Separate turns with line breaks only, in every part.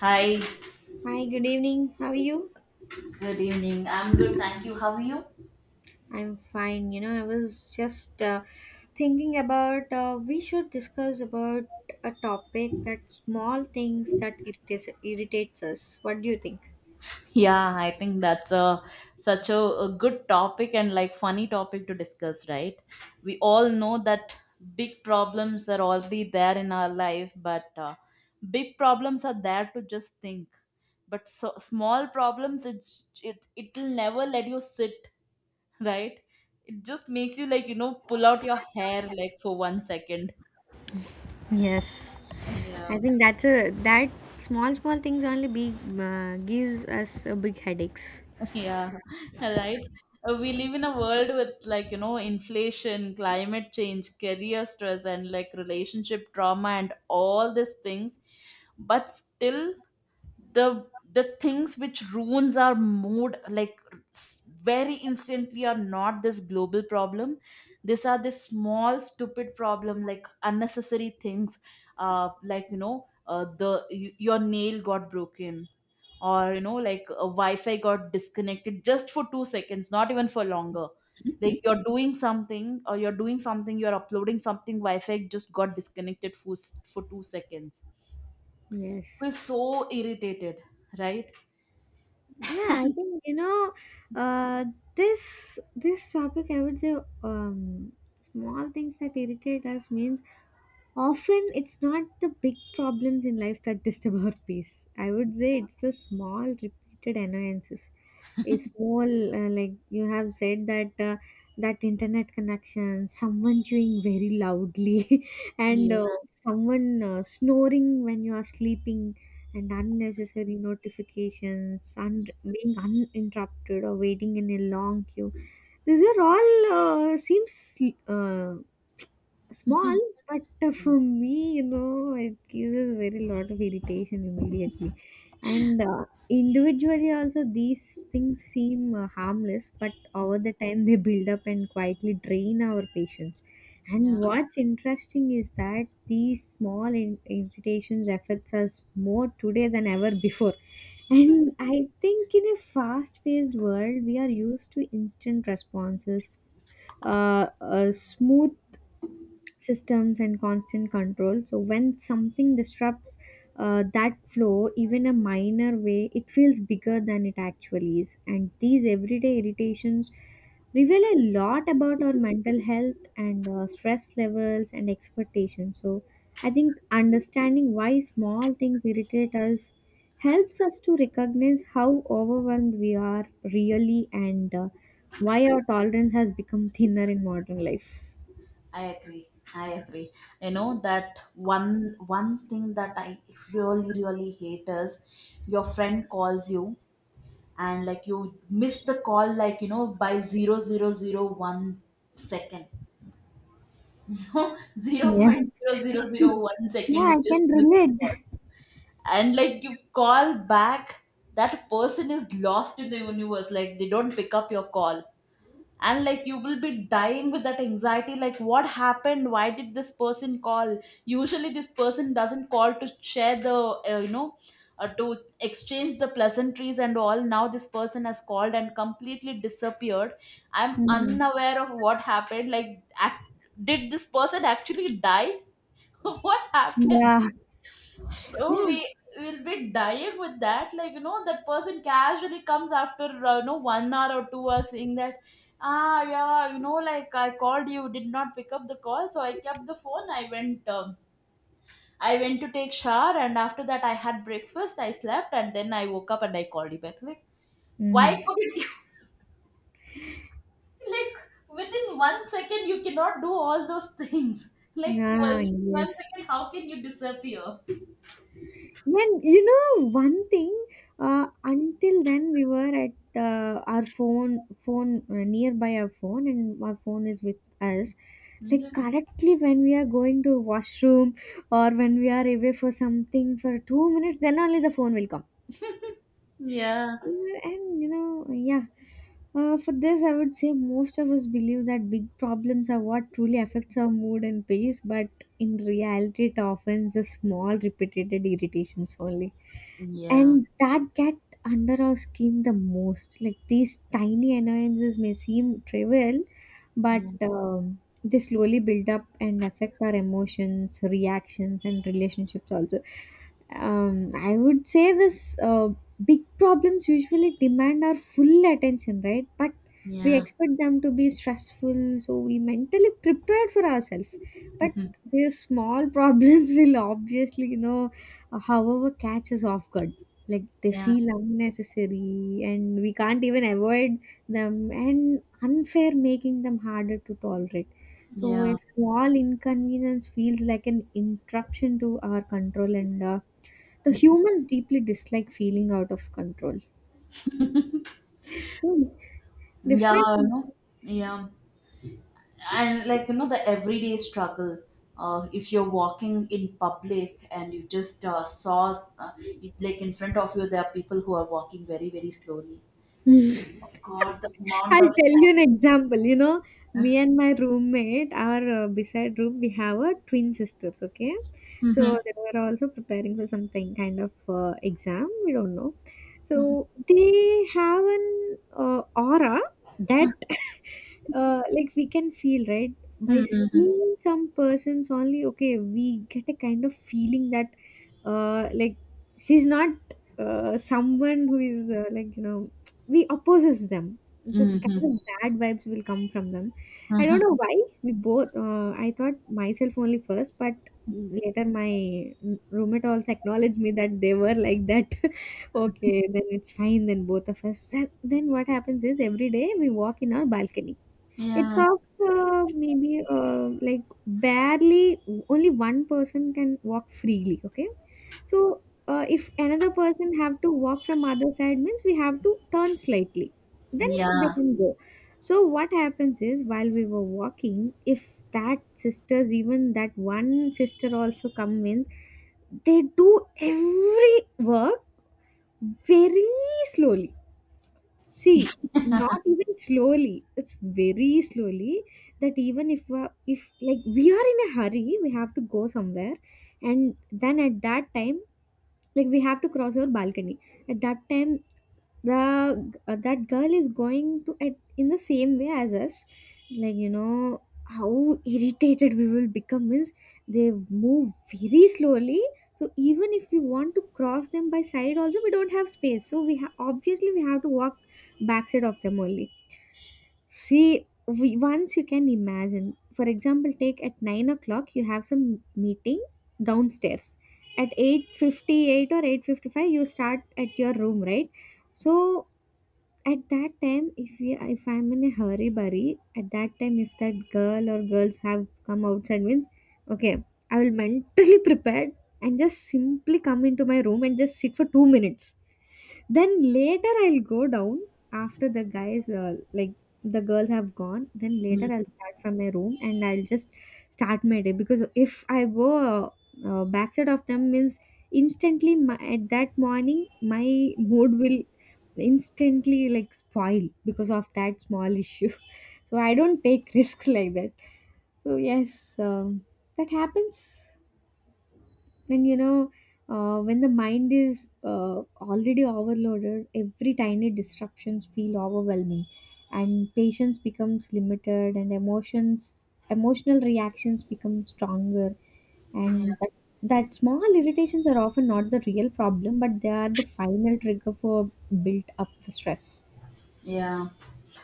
Hi,
Hi, good evening. How are you?
good evening. I'm good, thank you. How are you?
I'm fine. You know, I was just thinking about we should discuss about a topic that small things that irritates us. What do you think?
Yeah, I think that's a such a good topic and like funny topic to discuss, right? We all know that big problems are already there in our life, but big problems are there to just think. But so, small problems, it'll never let you sit, right? It just makes you like you know pull out your hair like for 1 second.
Yes. I
Yeah.
think that's a that small small things only big gives us a big headaches.
Yeah, right. We live in a world with like, you know, inflation, climate change, career stress, and like relationship trauma and all these things. But still, the the things which ruins our mood like very instantly are not this global problem. These are this small stupid problem like unnecessary things. Like you know, the your nail got broken, or you know like a wi-fi got disconnected just for 2 seconds, not even for longer. Like you're doing something, or you're doing something, you're uploading something, wi-fi just got disconnected for 2 seconds. Feel
Yes.
so irritated, right?
Yeah, I think you know uh, this topic. I would say um, small things that irritate us means often it's not the big problems in life that disturb our peace. I would say it's the small repeated annoyances. A small, like you have said that that internet connection, someone chewing very loudly, and
Yeah.
someone snoring when you are sleeping, and unnecessary notifications, and being uninterrupted or waiting in a long queue. These are all seems uh, small, but for me, you know, it gives us very lot of irritation immediately. And individually also these things seem harmless, but over the time they build up and quietly drain our patience.
Yeah,
And what's interesting is that these small irritations affects us more today than ever before. And I think in a fast paced world we are used to instant responses, smooth systems and constant control. So when something disrupts that flow even a minor way, it feels bigger than it actually is. And these everyday irritations reveal a lot about our mental health and stress levels and expectations. So I think understanding why small things irritate us helps us to recognize how overwhelmed we are really. And why our tolerance has become thinner in modern life.
I agree, I agree. You know that one thing that I really really hate is your friend calls you, and like you miss the call like you know by 0.0001 second, no, zero, you
Yeah.
0.0001
Yeah,
second, you
I
just
can
miss the
relate.
call. And like you call back, that person is lost in the universe, like they don't pick up your call. And like you will be dying with that anxiety, like what happened, why did this person call? Usually this person doesn't call to share the uh, you know to exchange the pleasantries and all. Now this person has called and completely disappeared. I'm
Hmm.
unaware of what happened, like ac did this person actually die? What happened? So
Yeah.
we will be dying with that. Like, that person casually comes after, 1 hour or 2 hours, saying that, ah, yeah, like, "I called you, did not pick up the call. So I kept the phone. I went to take shower. And after that, I had breakfast. I slept. And then I woke up and I called you back." Like, why
Mm.
couldn't you? Like, within 1 second, you cannot do all those things. Like, well,
Ah,
within one
yes.
second, how can you disappear?
When you know one thing, until then we were at our phone, nearby our phone, and our phone is with us. Like correctly when we are going to washroom or when we are away for something for 2 minutes, then only the phone will come.
Yeah.
Yeah, and you know, yeah, for this, I would say most of us believe that big problems are what truly affects our mood and pace, but in reality, it often is the small, repeated irritations only,
Yeah.
and that get under our skin the most, like these tiny annoyances may seem trivial, but
Yeah.
they slowly build up and affect our emotions reactions and relationships also. I would say this big problems usually demand our full attention, right? But we
Yeah.
expect them to be stressful so we mentally prepared for ourselves. But
Mhm.
these small problems will obviously however catch us off guard, like they
Yeah.
feel unnecessary and we can't even avoid them and unfair, making them harder to tolerate. So a
Yeah.
small inconvenience feels like an interruption to our control, and the humans deeply dislike feeling out of control, so
Yeah. You
definitely.
know? Yeah. And like, the everyday struggle. If you're walking in public and you just saw, it, like in front of you, there are people who are walking very, very slowly. Oh God, the amount
I'll
of.
tell you an example. You know, me and my roommate, our beside room, we have a twin sisters. Okay,
Mm-hmm.
so they were also preparing for something kind of exam. We don't know. So they have an aura that, like, we can feel right by
Mm-hmm.
seeing some persons only. Okay, we get a kind of feeling that, like, she's not someone who is we opposes them. The
Mm-hmm.
kind of bad vibes will come from them. I don't
Mm-hmm.
know why we both. I thought myself only first, but later my roommate also acknowledged me that they were like that. Okay, then it's fine. Then both of us. Then what happens is every day we walk in our balcony. It's
Yeah.
of maybe like barely only one person can walk freely. Okay, so if another person have to walk from other side means we have to turn slightly, then they
Yeah.
can go. So what happens is while we were walking, if that sisters even that one sister also come means they do every work very slowly. See, not even slowly. It's very slowly that even if like we are in a hurry, we have to go somewhere, and then at that time, like we have to cross our balcony. At that time, the that girl is going to at, in the same way as us, like you know how irritated we will become is they move very slowly. So even if we want to cross them by side also we don't have space, so obviously we have to walk backside of them only. See, we, once you can imagine. For example, take at 9 o'clock you have some meeting downstairs. At 8:58 or 8:55 you start at your room, right? So at that time, if I'm in a hurry burry, at that time, if that girl or girls have come outside means, okay, I will mentally prepared and just simply come into my room and just sit for 2 minutes, then later I'll go down after the guys, like the girls have gone. Then later I'll start from my room and I'll just start my day because if I go backside of them means instantly my, at that morning my mood will instantly like spoil because of that small issue. So I don't take risks like that. So yes, that happens. And you know, when the mind is already overloaded, every tiny disruptions feel overwhelming, and patience becomes limited, and emotional reactions become stronger, and that small irritations are often not the real problem, but they are the final trigger for built up the stress.
Yeah.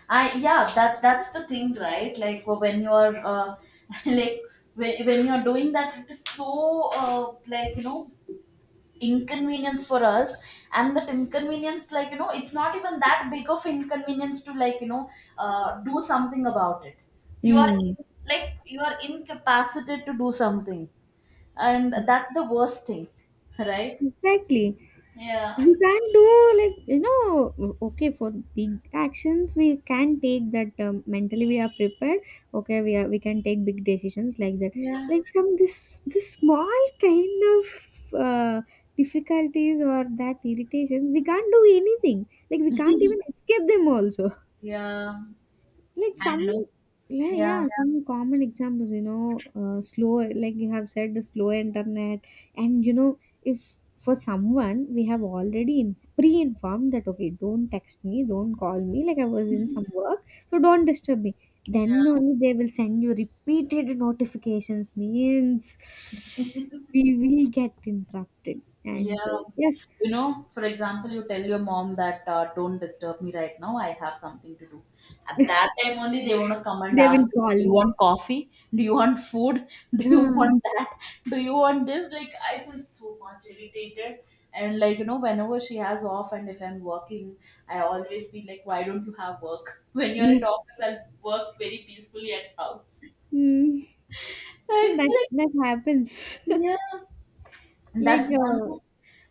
I Yeah, that that's the thing, right? Like when you're like when you're doing that, it is so like you know inconvenience for us, and that inconvenience, like it's not even that big of inconvenience to like you know do something about it. You are
Mm,
in- like you are incapacitated to do something, and that's the worst thing, right?
exactly.
Yeah.
We can do okay for big actions we can take that. Mentally we are prepared. Okay, we can take big decisions like that.
Yeah.
Like some, this small kind of difficulties or that irritations, we can't do anything, like we can't even escape them also.
Yeah.
Like
I
some,
know.
yeah,
Yeah.
yeah, some common examples, you know, slow, like you have said, the slow internet. And, you know, if for someone we have already pre informed that, okay, don't text me, don't call me, like I was in some work, so don't disturb me. Then only they will send you repeated notifications, means
Yeah.
we will get interrupted.
Yeah.
And so, yes,
You know, for example, you tell your mom that don't disturb me right now, I have something to do. At that time only, they want to come and
they
ask
will
you, do you
call.
want coffee? Do you want food? Do you want
Ah,
that? Do you want this? Like, I feel so much irritated. And, like, whenever she has off and if I'm working, I always be like, why don't you have work? When you're at
no.
office, I'll work very peacefully at house.
Hmm. So
I
That,
like,
that happens.
yeah. And
Like,
that's one more,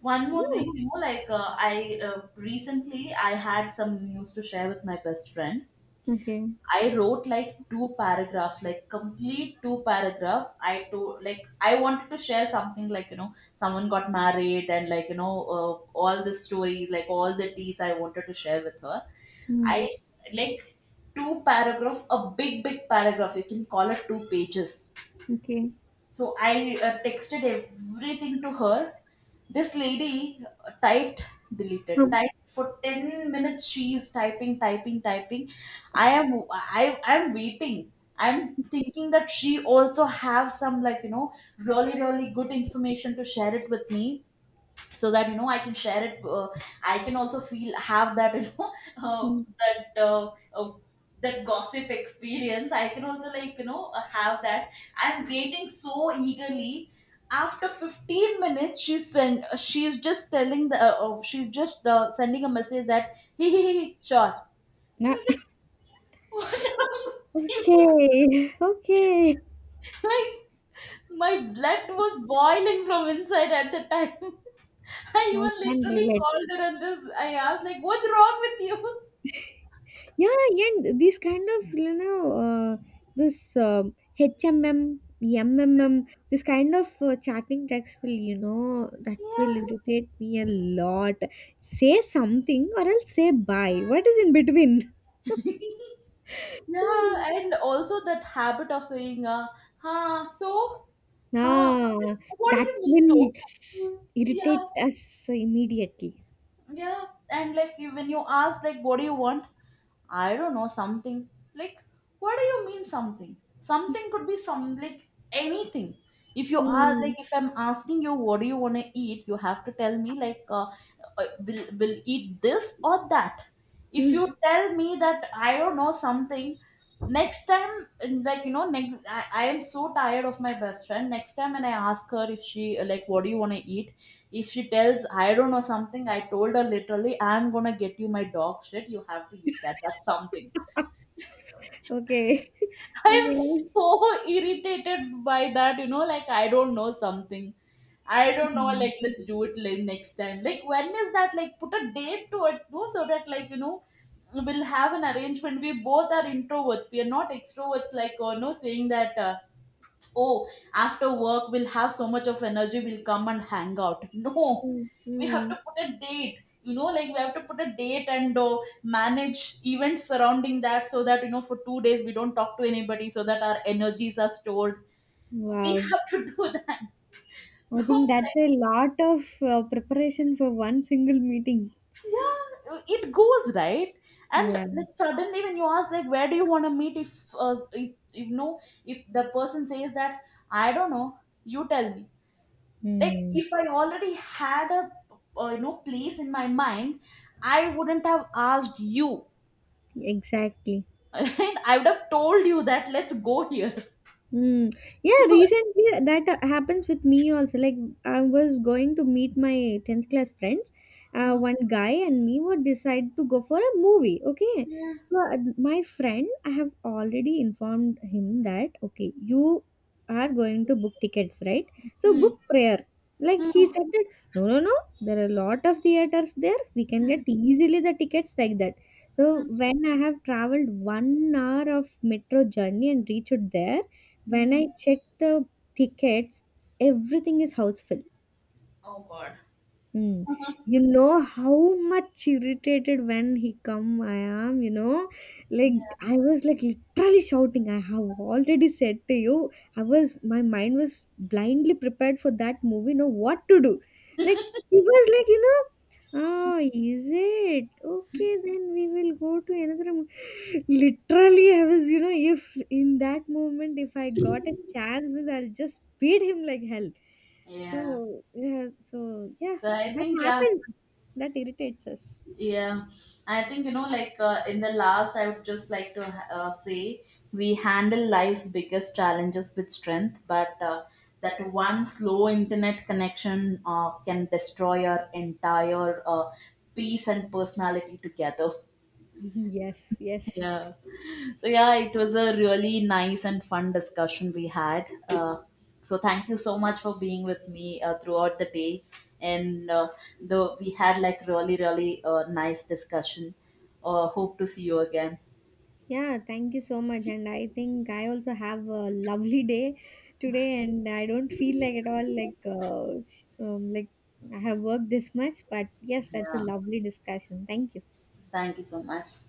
one more
yeah.
thing, you know, like I recently I had some news to share with my best friend.
Okay.
I wrote like two paragraph, like complete two paragraph. I wanted to share something, like you know someone got married and like you know all the stories, like all the teas I wanted to share with her.
Hmm.
I like Two paragraph, a big big paragraph. You can call it two pages.
Okay.
So I texted everything to her. This lady typed, deleted,
How-
typed for 10 minutes. She is typing, typing, typing. I'm waiting. I'm thinking that she also have some like you know really really good information to share it with me, so that I can share it, I can also feel have that uh,
Hmm.
that uh, uh, that gossip experience I can also like you know have that. I'm waiting so eagerly. After 15 minutes, she's send, she's just telling the, she's just sending a message that, "He he, sure." I
Nah.
was like, what's wrong with you?
Okay. Okay.
Like, my blood was boiling from inside at the time. I
I
even
can
literally
relate.
called her and just I asked like, "What's wrong with you?"
Yeah, and these kind of you know uh, this this kind of chatting text will that will
Yeah.
irritate me a lot. Say something or else say bye. What is in between?
Yeah,
Hmm.
and also that habit of saying, "Huh, so, huh,
Ah,
what do
that
you mean
will
so?"
irritate
Yeah,
us immediately.
yeah, and when you ask like, "What do you want?" I don't know, something. Like, what do you mean something? Something could be some, like, anything. If you are,
Hmm.
like, if I'm asking you, what do you want to eat, you have to tell me, like, will eat this or that. If
Hmm.
you tell me that, I don't know, something, next time, like, next, I am so tired of my best friend. Next time when I ask her if she, like, what do you want to eat, if she tells, I don't know something, I told her literally, I'm gonna get you my dog shit. You have to eat that. That's
Okay.
something. I'm
Okay.
so irritated by that, like I don't know something. I don't know,
Hmm.
like let's do it like next time. Like when is that? Like put a date to it, too, so that like you know we'll have an arrangement. We both are introverts. We are not extroverts. Like or no, saying that oh, after work we'll have so much of energy, we'll come and hang out, no.
Hmm.
We have
Hmm.
to put a date, you know, like we have to put a date and manage events surrounding that, so that for 2 days we don't talk to anybody, so that our energies are stored. We
Wow.
have to do that.
I
So
think that's
like,
a lot of preparation for one single meeting.
yeah, it goes right. And
Yeah.
like, suddenly when you ask like, where do you want to meet, if the person says that, I don't know, you tell me. Like,
Hmm.
if I already had a place in my mind, I wouldn't have asked you.
Exactly.
Right? I would have told you that let's go here.
Mm. Yeah,
So,
recently that happens with me also. Like I was going to meet my 10th class friends.
uh,
One guy and me would decide to go for a movie. Okay.
yeah.
So my friend, I have already informed him that, okay, you are going to book tickets, right? So
Hmm.
book prayer. Like he
Hmm.
said that, no, no, no, there are a lot of theaters there. We can get easily the tickets like that. So
Hmm.
when I have traveled 1 hour of metro journey and reached there, when
Hmm.
I check the tickets, everything is houseful.
Oh god.
Mm. You know how much irritated when he come I am, you know,
Yeah,
like I was like literally shouting. I have already said to you, I was my mind was blindly prepared for that movie. Know what to do? Like he was like, you know, oh, is it okay? Then we will go to another. Literally, I was, you know, if in that moment, if I got a chance, means I'll just beat him like hell.
yeah,
So yeah,
so I
that
think, yeah.
happens. That irritates us.
Yeah, I think, in the last, I would just like to say, we handle life's biggest challenges with strength, but that one slow internet connection can destroy our entire, peace and personality together.
Yes, yes.
Yeah. So yeah, it was a really nice and fun discussion we had. So thank you so much for being with me throughout the day, and though we had like really really nice discussion. Hope to see you again.
Yeah, thank you so much. And I think I also have a lovely day today, and I don't feel like at all like like I have worked this much. But yes, that's a
Yeah.
lovely discussion. Thank you.
Thank you so much.